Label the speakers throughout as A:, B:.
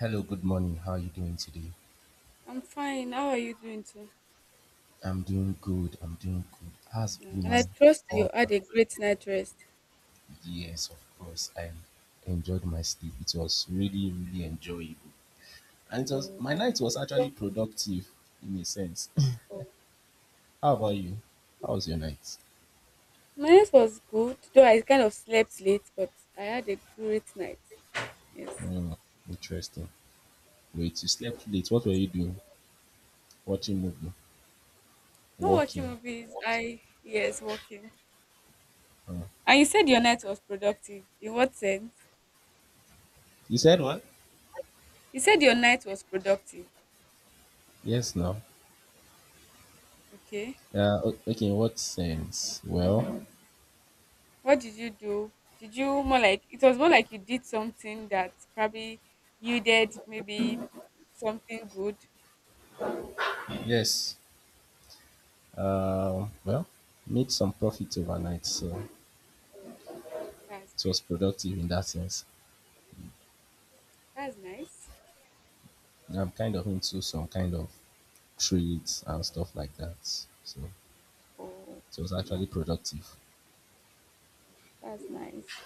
A: Hello, good morning. How are you doing today?
B: I'm fine. How are you doing too?
A: I'm doing good. I'm doing good. Has
B: Yeah, and I
A: been
B: trust you
A: all
B: had a great night rest.
A: yes, of course. I enjoyed my sleep. It was really, really enjoyable, and it was
B: Mm,
A: my night was actually productive in a sense. How about you? How was your night?
B: My night was good, though I kind of slept late, but I had a great night. Yes.
A: Mm, interesting. Wait, you slept late. What were you doing? Watching movie?
B: Not watching
A: Walking?
B: movies. I Yes, working.
A: Mm.
B: And you said your night was productive. In what sense?
A: You said what?
B: You said your night was productive.
A: Yes, now.
B: Okay.
A: Okay, in what sense? Well,
B: What did you do? Did you more like it was more like you did something that probably you did maybe something good?
A: yes. Well, made some profit overnight. So
B: That's
A: it was
B: great.
A: productive in that sense.
B: That's nice.
A: I'm kind of into some kind of trades and stuff like that. So it was
B: Okay,
A: actually productive.
B: that's nice.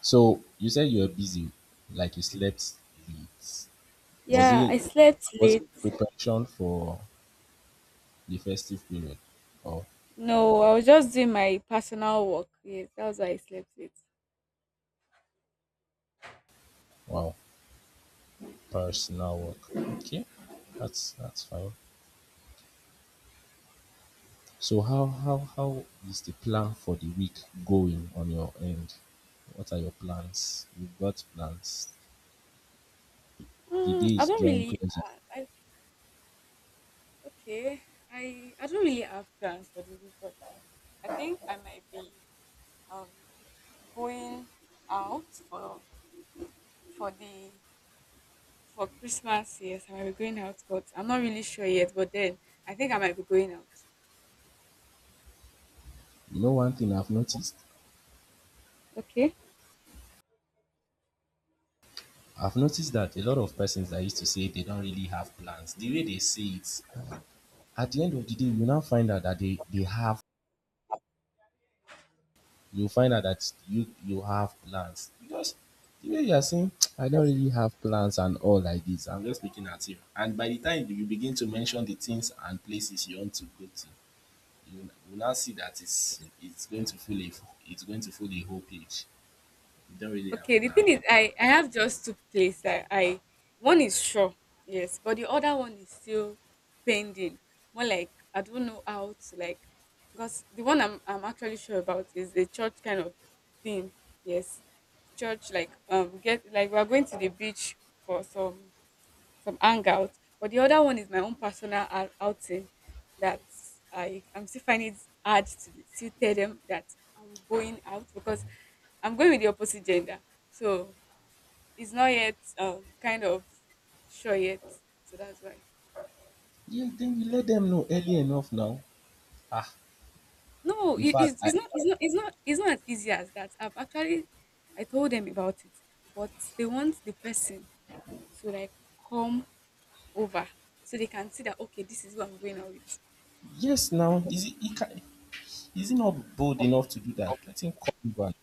A: So you said you were busy, like you slept late. Was
B: Yeah,
A: it
B: I slept
A: was
B: late.
A: it preparation for the festive period? Oh
B: No, I was just doing my personal work. Yes, that was why I slept late.
A: wow, personal work. Okay, that's fine. So how is the plan for the week going on your end? What are your plans? You've got plans. The day
B: I
A: is
B: don't
A: drawing
B: really.
A: closer.
B: I Okay. I don't really have plans for the week, but I think I might be um going out for the for Christmas. Yes, I might be going out, but I'm not really sure yet. But then I think I might be going out.
A: You know one thing I've noticed?
B: Okay.
A: I've noticed that a lot of persons that used to say they don't really have plans, the way they say it, at the end of the day, you now find out that they have you find out that you have plans. Because the way you are saying, I don't really have plans and all like this. I'm just looking at you. And by the time you begin to mention the things and places you want to go to, you will now see that it's going to fill the whole page. You don't really
B: Okay,
A: have
B: the
A: plans.
B: thing is, I have just two places. I one is sure, yes, but the other one is still pending. More like I don't know how to, like, because the one I'm actually sure about is a church kind of thing. Yes, church like get like we are going to the beach for some hangout. But the other one is my own personal outing that I'm still finding it hard to tell them that I'm going out because I'm going with the opposite gender. So it's not yet kind of sure yet. So that's why.
A: Yeah, then you let them know early enough now. Ah, in fact, I,
B: It's not it's not as easy as that. I told them about it, but they want the person to, like, come over so they can see that, okay, this is who I'm going out with.
A: yes, now is he, it can, is he not bold enough to do that? Let him call me back.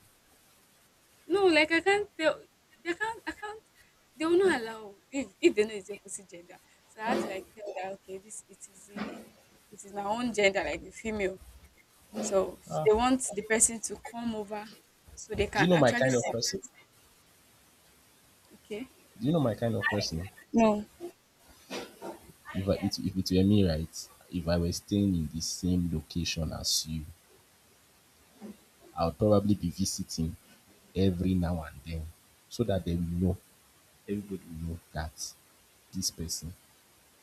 B: No, like I can't tell. They can't. I can't. They will not allow if they know it's the opposite gender. So I had to like tell that okay, this it is the it is my own gender, like the female. So
A: Ah,
B: they want the person to come over so they
A: do you
B: can
A: know my
B: actually
A: kind of
B: see.
A: person?
B: It. Okay.
A: Do you know my kind of person?
B: No,
A: If it were me, right? If I were staying in the same location as you, I would probably be visiting every now and then so that they will know, everybody will know that this person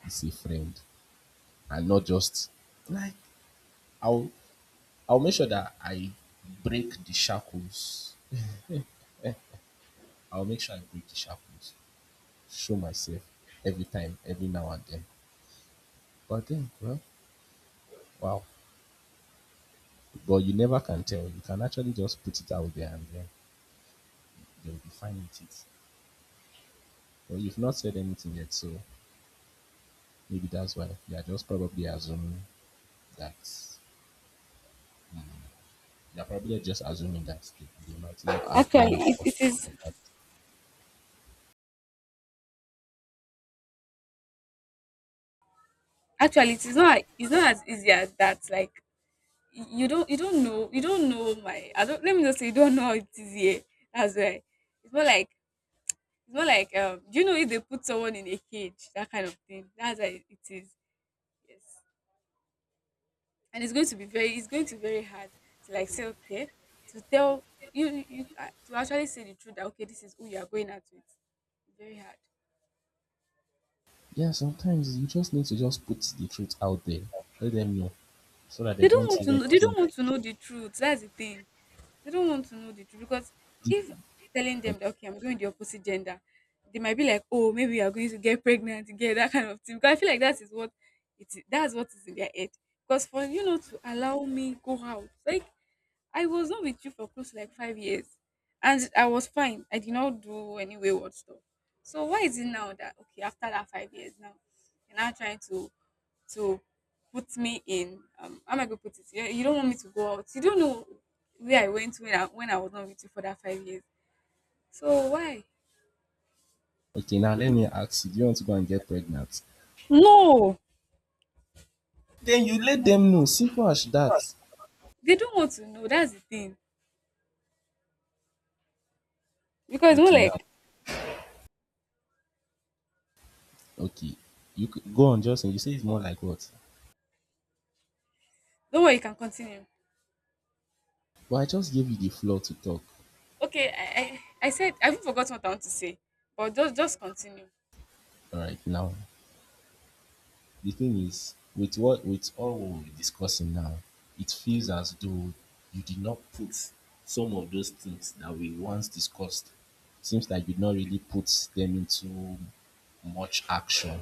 A: is a friend and not just like I'll I'll make sure that I break the shackles. I'll make sure I break the shackles. Show myself every time, every now and then. But then, well, wow. But you never can tell. You can actually just put it out there and then they'll be fine with it. But you've not said anything yet, so maybe that's why they are just probably assuming that they're probably just assuming that they might not
B: actually,
A: agree
B: it,
A: or
B: it is
A: something like that.
B: actually it is not it's not as easy as that. Like you don't you don't know my I don't let me just say you don't know how it is here. That's why it's more like. It's more like, do you know, if they put someone in a cage, that kind of thing. That's how it is. Yes, and it's going to be very, it's going to be very hard to like say okay, to tell you, to actually say the truth that okay, this is who you are going at with. Very hard.
A: Yeah, sometimes you just need to just put the truth out there. Let them know so that they
B: They don't
A: don't
B: want to
A: even
B: know. They
A: fear.
B: don't want to know the truth. That's the thing. They don't want to know the truth because if
A: Deep.
B: telling them that okay, I'm going the opposite gender, they might be like, oh, maybe you are going to get pregnant together, that kind of thing. Because I feel like that is what it is, that's what is in their head. Because for you know to allow me go out, like I was not with you for close to like 5 years, and I was fine. I did not do any wayward stuff. So why is it now that okay after that 5 years now, you're now trying to to put me in, um, how am I gonna put it? You don't want me to go out. You don't know where I went when I was not with you for that 5 years. So why?
A: Okay, now let me ask you, do you want to go and get pregnant?
B: No.
A: Then you let them know. Simple as that.
B: They don't want to know. That's the thing. Because more
A: Okay, now,
B: like
A: okay. Go on, Justin. You say it's more like what?
B: don't worry, you can continue.
A: But I just gave you the floor to talk.
B: Okay, I said I even forgot what I want to say, but just continue.
A: All right, now, the thing is, with all what we're discussing now, it feels as though you did not put some of those things that we once discussed. Seems like you did not really put them into much action.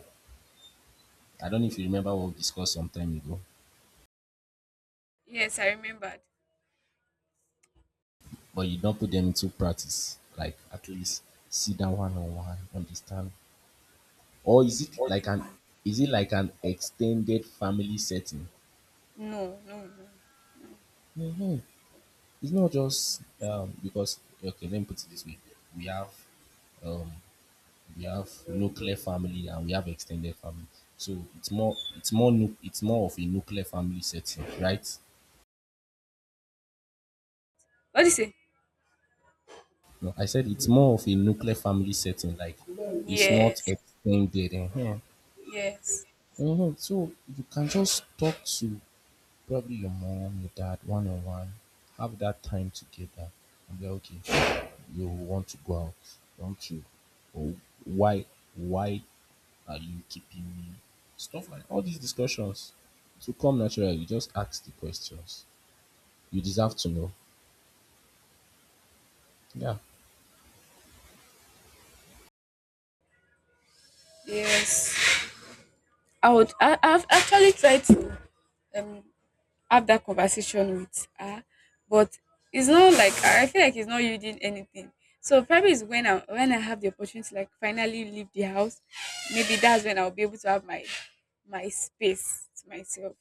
A: I don't know if you remember what we discussed some time ago,
B: Yes, I remembered.
A: but you don't put them into practice. Like at least sit down one on one, understand. Or is it like an extended family setting?
B: No, no, no, no.
A: Mhm. It's not just because okay. Let me put it this way: we have um, we have nuclear family and we have extended family. So it's more of a nuclear family setting, right?
B: What do you say?
A: No, I said it's more of a nuclear family setting. Like it's
B: Yes,
A: not extended. Eh.
B: yes,
A: Mhm. So you can just talk to, probably your mom, your dad, one on one. Have that time together and be like, okay, you want to go out, don't you? Or why why are you keeping me? Stuff like all these discussions. So come naturally, you just ask the questions. You deserve to know. Yeah.
B: yes. I would. I've actually tried to um have that conversation with her, but it's not like I feel like it's not yielding anything. So probably is when I have the opportunity, like finally leave the house, maybe that's when I'll be able to have my space to myself.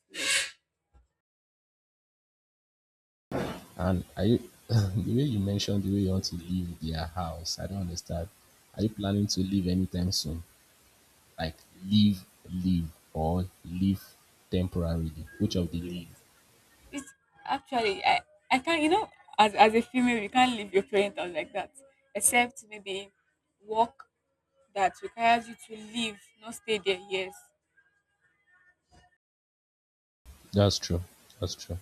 A: And are you the way you mentioned the way you want to leave their house, I don't understand. Are you planning to leave anytime soon? Like leave, leave, or leave temporarily? Which of the leave?
B: It's actually I can't, you know, as a female you can't leave your parents house like that except maybe work that requires you to leave not stay there. Yes.
A: That's true. That's true.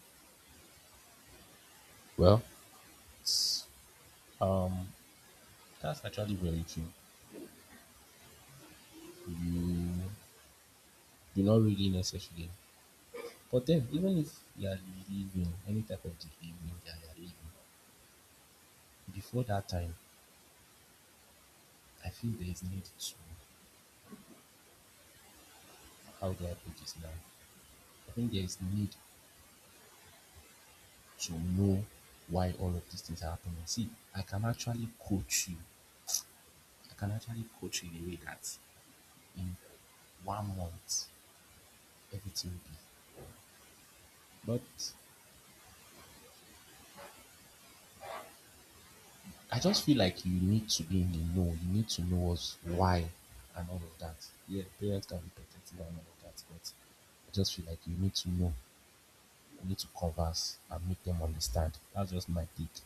A: Well, it's, um, that's actually very true. You you're not really necessarily. But then, even if you are leaving any type of behavior that you are leaving, before that time, I feel there is need to, how do I put this now? I think there is need to know why all of these things are happening. See, I can actually coach you. I can actually coach you in a way that in one month everything will be. But I just feel like you need to be in the know. You need to know what's why and all of that. Yeah, parents can be protective and all of that, but I just feel like you need to know. You need to converse and make them understand. That's just my take.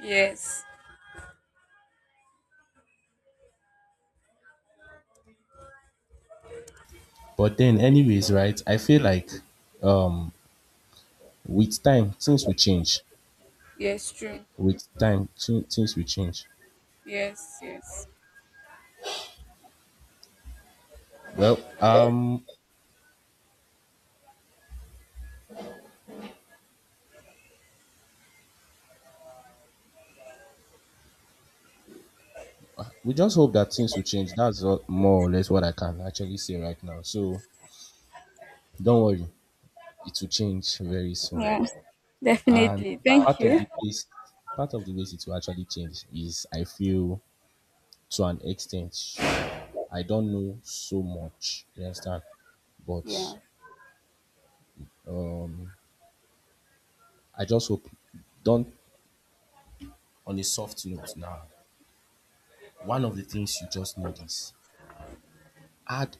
B: Yes.
A: But then, anyways, right? I feel like um, with time, things will change.
B: Yes, true.
A: With time, things will change.
B: Yes, yes.
A: Well, we just hope that things will change. That's all, more or less what I can actually say right now. So don't worry, it will change very soon.
B: Yeah,
A: And
B: definitely, thank
A: part of
B: you.
A: the ways part of the ways it will actually change is I feel to an extent I don't know so much. You understand? But
B: Yeah.
A: um, I just hope don't on a soft note now. One of the things you just need is add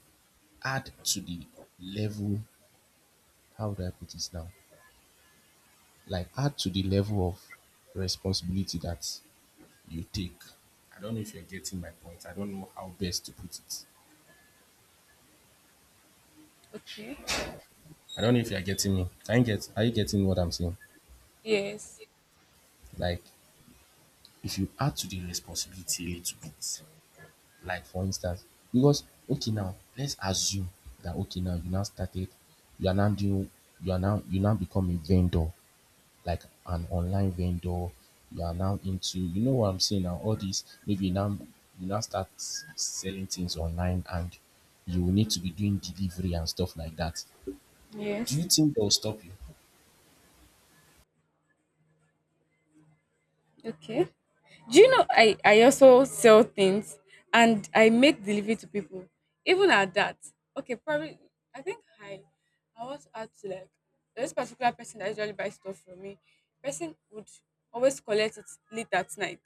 A: add to the level, how do I put this now? Like add to the level of responsibility that you take. I don't know if you're getting my point. I don't know how best to put it.
B: Okay.
A: I don't know if you are getting me. Can you get are you getting what I'm saying?
B: Yes,
A: Like if you add to the responsibility a little bit, like for instance, because okay now, let's assume that okay now you now started, you are now doing you are now you now become a vendor, like an online vendor, you are now into you know what I'm saying now, all this maybe now you now start selling things online and you will need to be doing delivery and stuff like that. Do you
B: yes.
A: think they'll stop you?
B: Okay. Do you know, I also sell things and I make delivery to people. Even at that, okay, probably I think I want to add to, like, this particular person that usually buys stuff from me, person would always collect it late at night.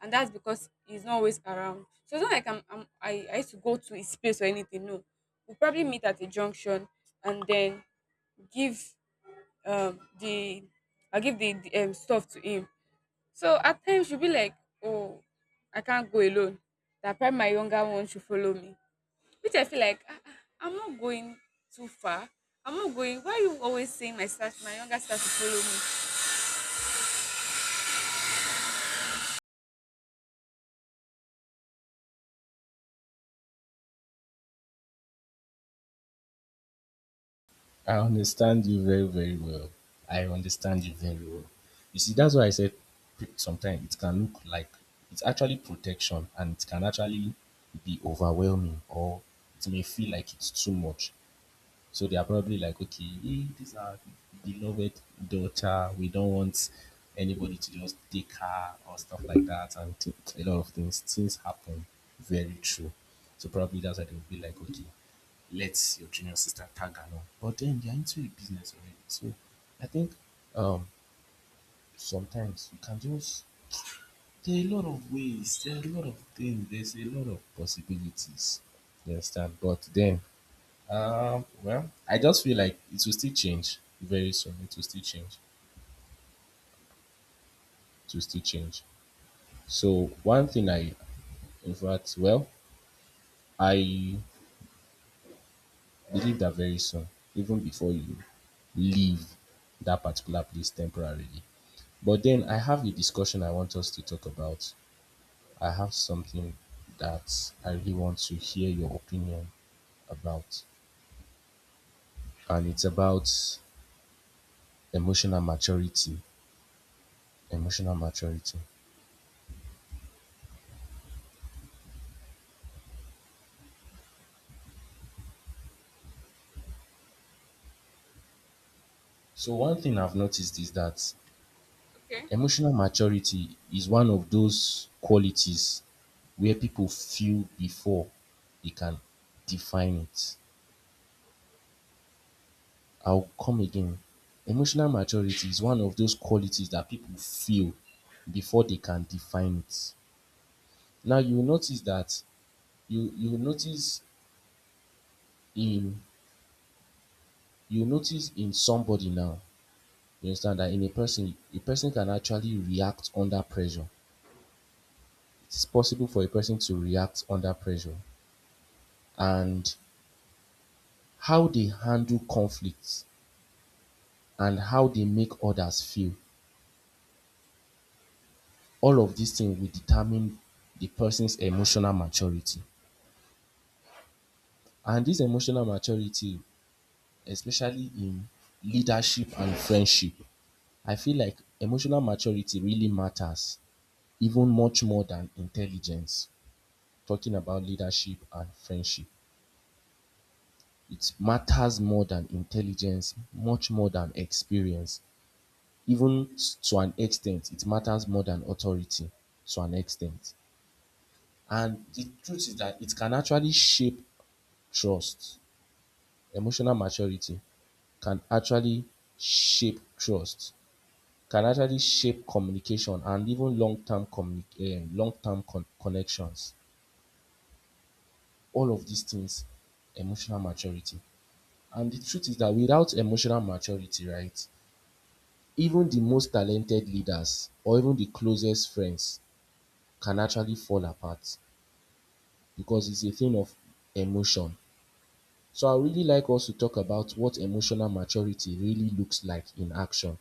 B: And that's because he's not always around. So it's not like I used to go to his space or anything. No. We'll probably meet at a junction and then give the I'll give the, stuff to him. So at times you'll be like, oh, I can't go alone. That probably my younger one should follow me. Which I feel like, ah, ah, I'm not going too far. I'm not going. Why are you always saying my sister, my younger sister to follow me?
A: I understand you very, very well. I understand you very well. You see, that's why I said sometimes it can look like it's actually protection and it can actually be overwhelming or it may feel like it's too much. So they are probably like, okay, this is our beloved daughter. We don't want anybody to just take her or stuff like that. And a lot of things, things happen. Very true. So probably that's why they would be like, okay, let your junior sister tag along. But then they're into a business already. So I think um, sometimes you can just, there are a lot of ways, there are a lot of things, there's a lot of possibilities. You understand? But then well, I just feel like it will still change very soon. It will still change. It will still change. So one thing I, in fact, well, I believe that very soon, even before you leave that particular place temporarily. But then I have a discussion I want us to talk about. I have something that I really want to hear your opinion about, and it's about emotional maturity. Emotional maturity. So one thing I've noticed is that
B: Okay.
A: emotional maturity is one of those qualities where people feel before they can define it. I'll come again. Emotional maturity is one of those qualities that people feel before they can define it. Now you will notice that you you will notice in you will notice in somebody now, you understand that in a person can actually react under pressure. It's possible for a person to react under pressure and how they handle conflicts and how they make others feel. All of these things will determine the person's emotional maturity. And this emotional maturity, especially in leadership and friendship, I feel like emotional maturity really matters even much more than intelligence. Talking about leadership and friendship, it matters more than intelligence, much more than experience, even to an extent, it matters more than authority to an extent. And the truth is that it can actually shape trust. Emotional maturity can actually shape trust, can actually shape communication and even long-term connections. All of these things, emotional maturity. And the truth is that without emotional maturity, right, even the most talented leaders or even the closest friends can actually fall apart, because it's a thing of emotion. So I really like us to talk about what emotional maturity really looks like in action.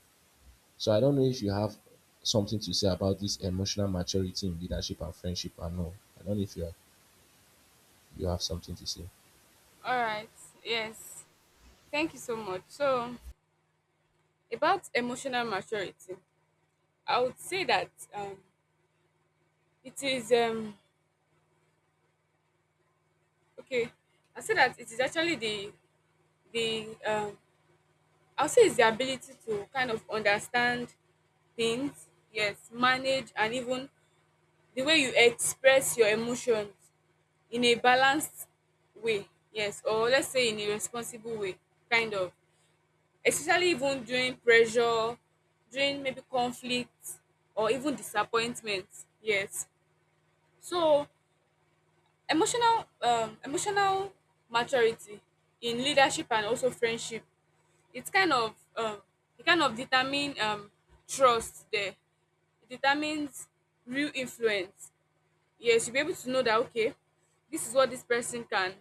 A: So I don't know if you have something to say about this emotional maturity in leadership and friendship and all. I don't know if you have, you have something to say.
B: All right. Yes. Thank you so much. So about emotional maturity, I would say that, it is okay. I say that it is actually the, I'll say it's the ability to kind of understand things, yes, manage, and even the way you express your emotions in a balanced way, yes, or let's say in a responsible way, kind of, especially even during pressure, during maybe conflict or even disappointment. Yes. So emotional maturity in leadership and also friendship, it's kind of, it kind of determine, trust there. It determines real influence. Yes, you'll be able to know that, okay, this is what this person can,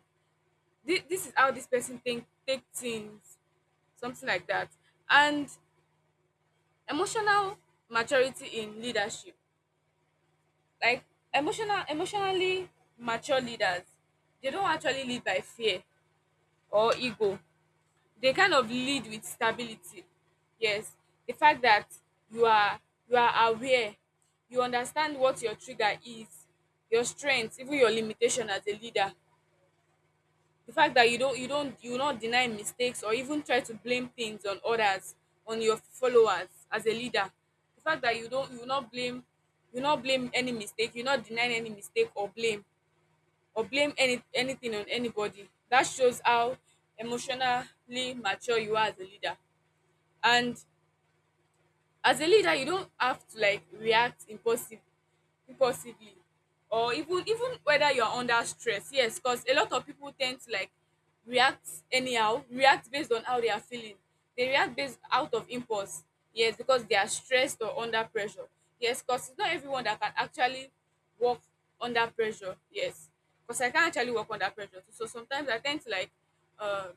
B: this is how this person think, take things, something like that. And emotional maturity in leadership, like emotionally mature leaders, they don't actually lead by fear or ego. They kind of lead with stability. Yes, the fact that you are, you are aware, you understand what your trigger is, your strength, even your limitation as a leader, the fact that you will not deny mistakes or even try to blame things on others, on your followers as a leader, the fact that you will not blame, you will not blame any mistake, you will not deny any mistake or blame any anything on anybody, that shows how emotionally mature you are as a leader. And as a leader, you don't have to like react impulsively, or even, even whether you're under stress. Yes, because a lot of people tend to like react anyhow, react based on how they are feeling, they react based out of impulse. Yes, because they are stressed or under pressure. Yes, because it's not everyone that can actually work under pressure. Yes, because I can't actually work under pressure too. So sometimes I tend to like, uh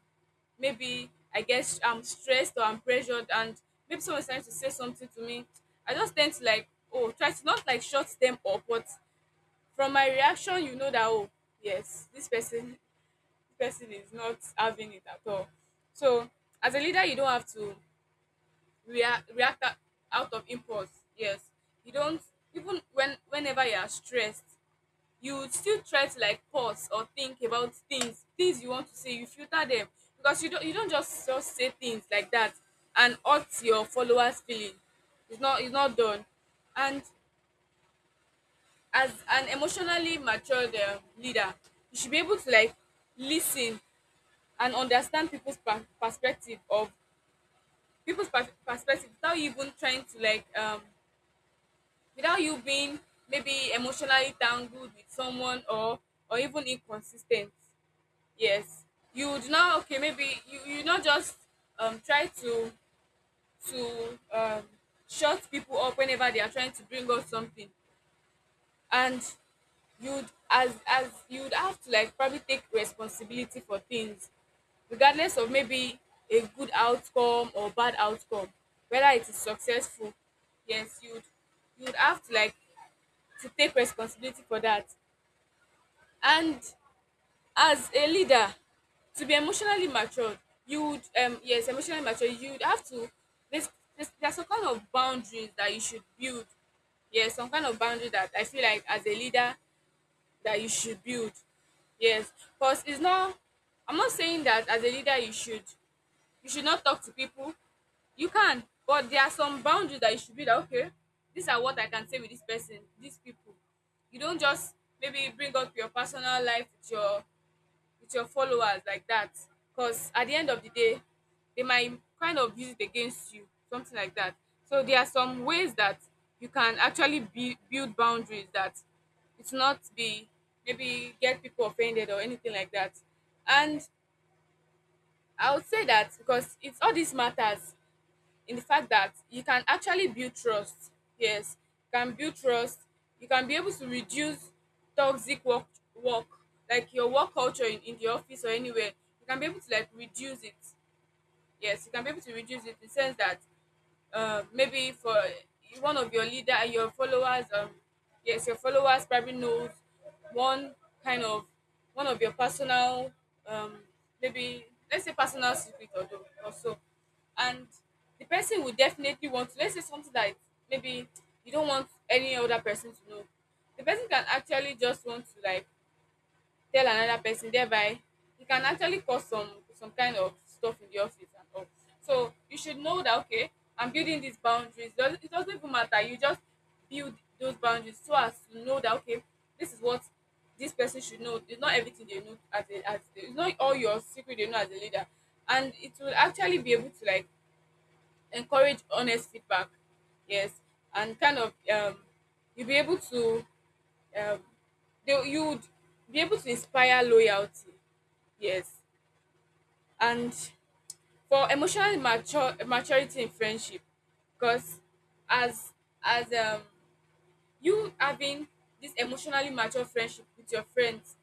B: maybe, I guess, I'm stressed or I'm pressured, and maybe someone's trying to say something to me, I just tend to like, oh, try to not like shut them up, but from my reaction, you know that, oh, yes, this person, this person is not having it at all. So as a leader, you don't have to react out of impulse. Yes, you don't, even when whenever you are stressed you would still try to like pause or think about things you want to say, you filter them, because you don't just say things like that and hurt your followers feeling. It's not done. And as an emotionally matured leader you should be able to like listen and understand people's perspective without you even trying to like without you being maybe emotionally tangled with someone, or even inconsistent. Yes, you would now, okay, maybe you, you not just try to to shut people up whenever they are trying to bring up something. And you'd, as you'd have to like probably take responsibility for things, regardless of maybe a good outcome or bad outcome, whether it is successful. Yes, you'd have to like to take responsibility for that. And as a leader, to be emotionally matured, you would yes, emotionally mature, you would have to, there's, there's some kind of boundaries that you should build. Yes, some kind of boundary that I feel like as a leader that you should build. Yes, because it's not, I'm not saying that as a leader you should, you should not talk to people. You can, but there are some boundaries that you should be like, okay, these are what I can say with this person, these people. You don't just maybe bring up your personal life with your, with your followers like that, because at the end of the day they might kind of use it against you, something like that. So there are some ways that you can actually be, build boundaries that it's not be, maybe get people offended or anything like that. And I would say that because it's all these matters, in the fact that you can actually build trust. Yes, you can build trust. You can be able to reduce toxic work like your work culture in the office or anywhere. You can be able to like reduce it. Yes, you can be able to reduce it in the sense that maybe for one of your leader, your followers, yes, your followers probably knows one kind of one of your personal um maybe, let's say, personal secret or, do- or so. And the person will definitely want to, let's say, something that maybe you don't want any other person to know. The person can actually just want to like tell another person, thereby it can actually cause some kind of stuff in the office and all. So you should know that, okay, I'm building these boundaries, it doesn't even matter, you just build those boundaries, so as to know that, okay, this is what this person should know, it's not everything they know as it's not all your secret they know as a leader. And it will actually be able to like encourage honest feedback. Yes. And kind of you'll be able to, um they, you would be able to inspire loyalty. Yes. And for emotional mature maturity in friendship, because as as you having this emotionally mature friendship with your friends,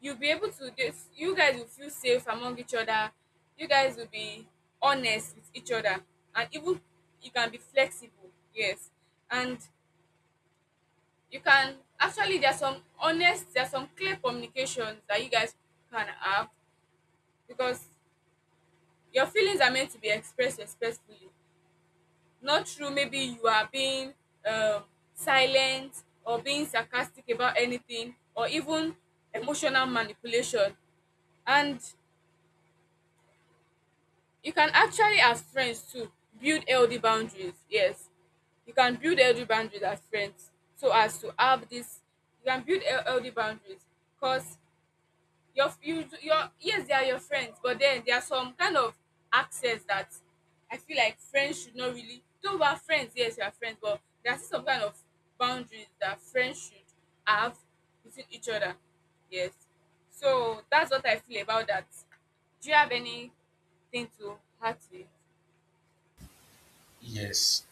B: you'll be able to dey, you guys will feel safe among each other, you guys will be honest with each other. And even you can be flexible, yes. And you can actually, there's some honest, there's some clear communications that you guys can have, because your feelings are meant to be expressed respectfully, not through maybe you are being um, silent or being sarcastic about anything, or even emotional manipulation. And you can actually, as friends too, build healthy boundaries. Yes, you can build healthy boundaries as friends, so as to have this, you can build healthy boundaries, because your yes, they are your friends, but then there are some kind of access that I feel like friends should not really, though we are friends, yes, we are friends, but there are still some kind of boundaries that friends should have between each other. Yes. So that's what I feel about that. Do you have anything to add to it?
A: Yes.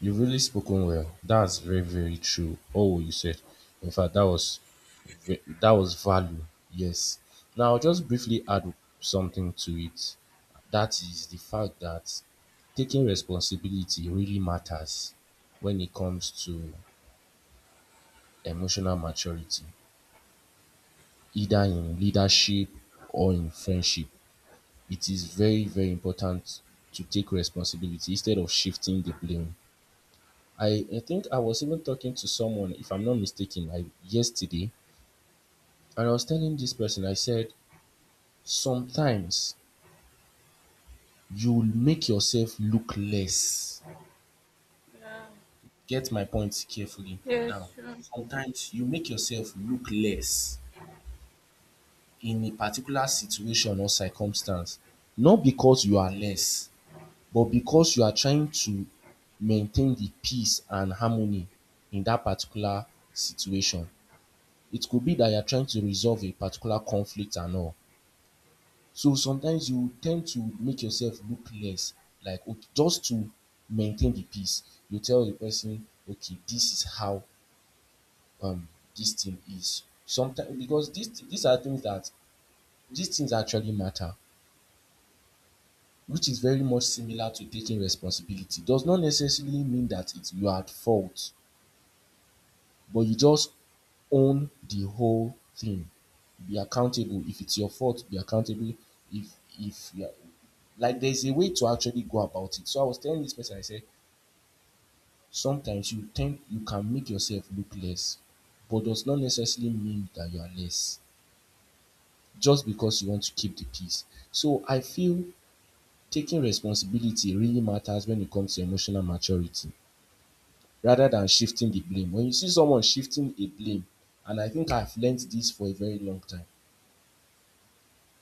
A: You've really spoken well. That's very, very true. Oh, you said. In fact, that was value. Yes. Now, I'll just briefly add something to it. That is the fact that taking responsibility really matters when it comes to emotional maturity, either in leadership or in friendship. It is very, very important to take responsibility instead of shifting the blame. I think I was even talking to someone, if I'm not mistaken, like yesterday, and I was telling this person, I said, sometimes you will make yourself look less.
B: Yeah.
A: Get my point carefully. Now,
B: Yes, true.
A: sometimes you make yourself look less in a particular situation or circumstance, not because you are less, but because you are trying to maintain the peace and harmony in that particular situation. It could be that you're trying to resolve a particular conflict and all. So sometimes you tend to make yourself look less, like okay, just to maintain the peace. You tell the person, okay, this is how um this thing is. Sometimes because these are things that these things actually matter, which is very much similar to taking responsibility. Does not necessarily mean that it's you are at fault. But you just own the whole thing. Be accountable. If it's your fault, be accountable. If if yeah, like there's a way to actually go about it. So I was telling this person, I said, sometimes you think you can make yourself look less, but does not necessarily mean that you are less just because you want to keep the peace. So I feel taking responsibility really matters when it comes to emotional maturity rather than shifting the blame. When you see someone shifting a blame, and I think I've learned this for a very long time,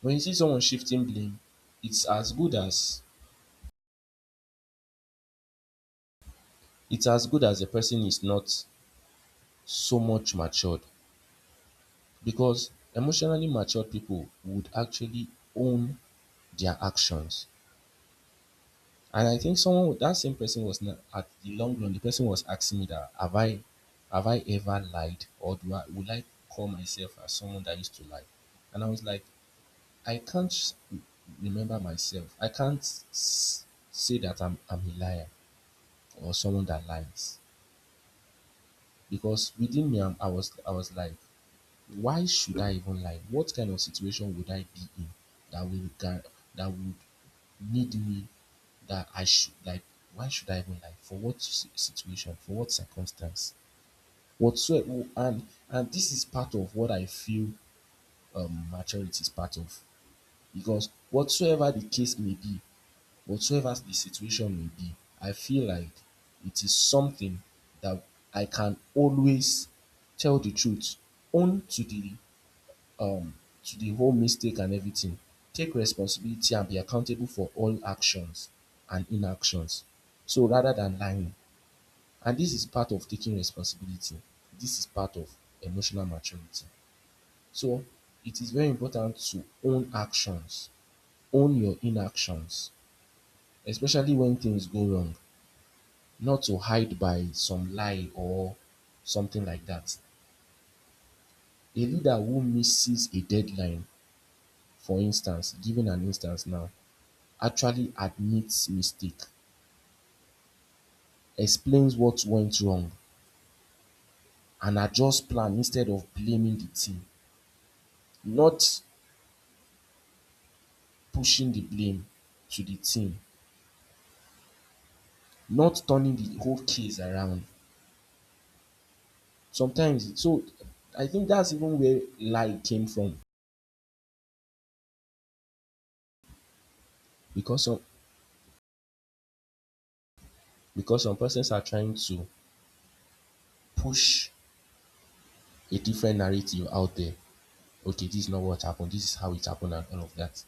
A: when you see someone shifting blame, it's as good as it's as good as the person is not so much matured, because emotionally matured people would actually own their actions. And I think someone with that same person was, not at the long run, the person was asking me that have I ever lied, or do I would I call myself as someone that used to lie. And I was like, I can't s- remember myself, I can't s- say that I'm a liar or someone that lies. Because within me, I was like, why should I even lie? What kind of situation would I be in that that would need me that I should like? Why should I even lie? For what situation? For what circumstance? Whatsoever. And this is part of what I feel maturity is part of, because whatsoever the case may be, whatsoever the situation may be, I feel like it is something that I can always tell the truth, own um to the whole mistake and everything, take responsibility and be accountable for all actions and inactions. So rather than lying, and this is part of taking responsibility, this is part of emotional maturity. So it is very important to own actions, own your inactions, especially when things go wrong. Not to hide by some lie or something like that. A leader who misses a deadline, for instance, giving an instance now, actually admits mistake, explains what went wrong, and adjusts plan instead of blaming the team, not pushing the blame to the team, not turning the whole case around. Sometimes, so I think that's even where lie came from, because some because some persons are trying to push a different narrative out there. Okay, this is not what happened. This is how it happened, and all of that.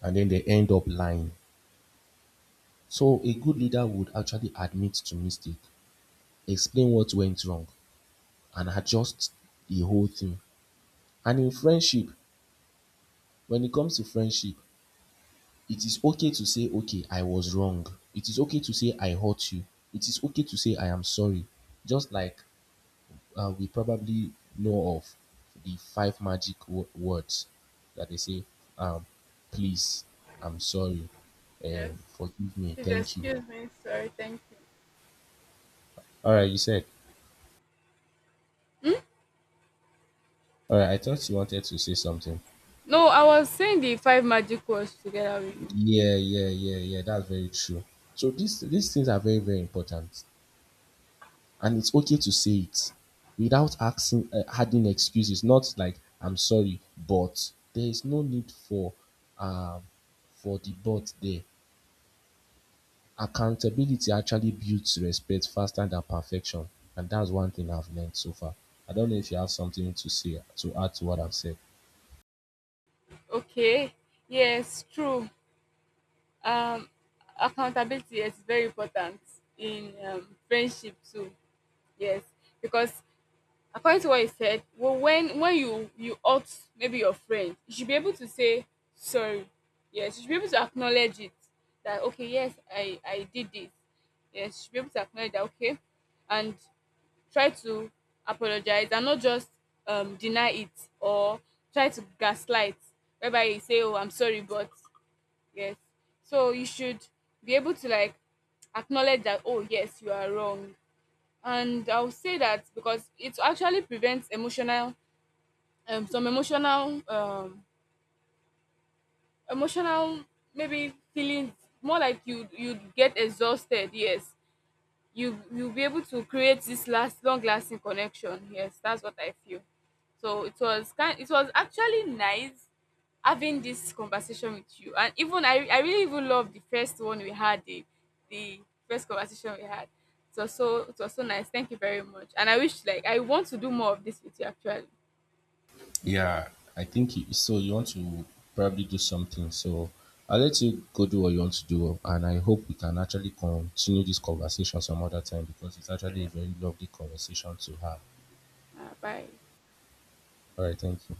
A: And then they end up lying. So a good leader would actually admit to mistake, explain what went wrong, and adjust the whole thing. And in friendship, when it comes to friendship, it is okay to say, okay, I was wrong. It is okay to say I hurt you. It is okay to say I am sorry. Just like we probably know of the five magic words that they say, um, please, I'm sorry,
B: Yes.
A: forgive me,
B: Please
A: thank you.
B: excuse me. Sorry. Thank you.
A: All right, you said. All right, I thought you wanted to say something.
B: No, I was saying the five magic words together with you.
A: Yeah, yeah, yeah, yeah. That's very true. So these things are very, very important, and it's okay to say it without asking adding excuses. Not like I'm sorry, but there is no need um for the but there. Accountability actually builds respect faster than perfection, and that's one thing I've learned so far. I don't know if you have something to say to add to what I've said.
B: Okay. Yes, true. um accountability, yes, is very important in friendship too. Yes, because according to what you said, well, when when you hurt maybe your friend, you should be able to say sorry. Yes, you should be able to acknowledge it, that okay, yes, I did this. Yes, you should be able to acknowledge that, okay. And try to apologize and not just deny it or try to gaslight, whereby you say, oh, I'm sorry, but, yes. So you should be able to like acknowledge that, oh yes, you are wrong. And I'll say that because it actually prevents emotional, some emotional emotional maybe feelings, more like you, you'd get exhausted. Yes, you, you'll be able to create this last long lasting connection. Yes, that's what I feel. So it was kind, it was actually nice having this conversation with you. And even I really even love the first one we had, the first conversation we had, it was so, it was so nice. Thank you very much. And I wish, like I want to do more of this with you actually.
A: Yeah, I think so. You want to probably do something, so I'll let you go do what you want to do, and I hope we can actually continue this conversation some other time because it's actually a very lovely conversation to have.
B: Bye.
A: All right, thank you.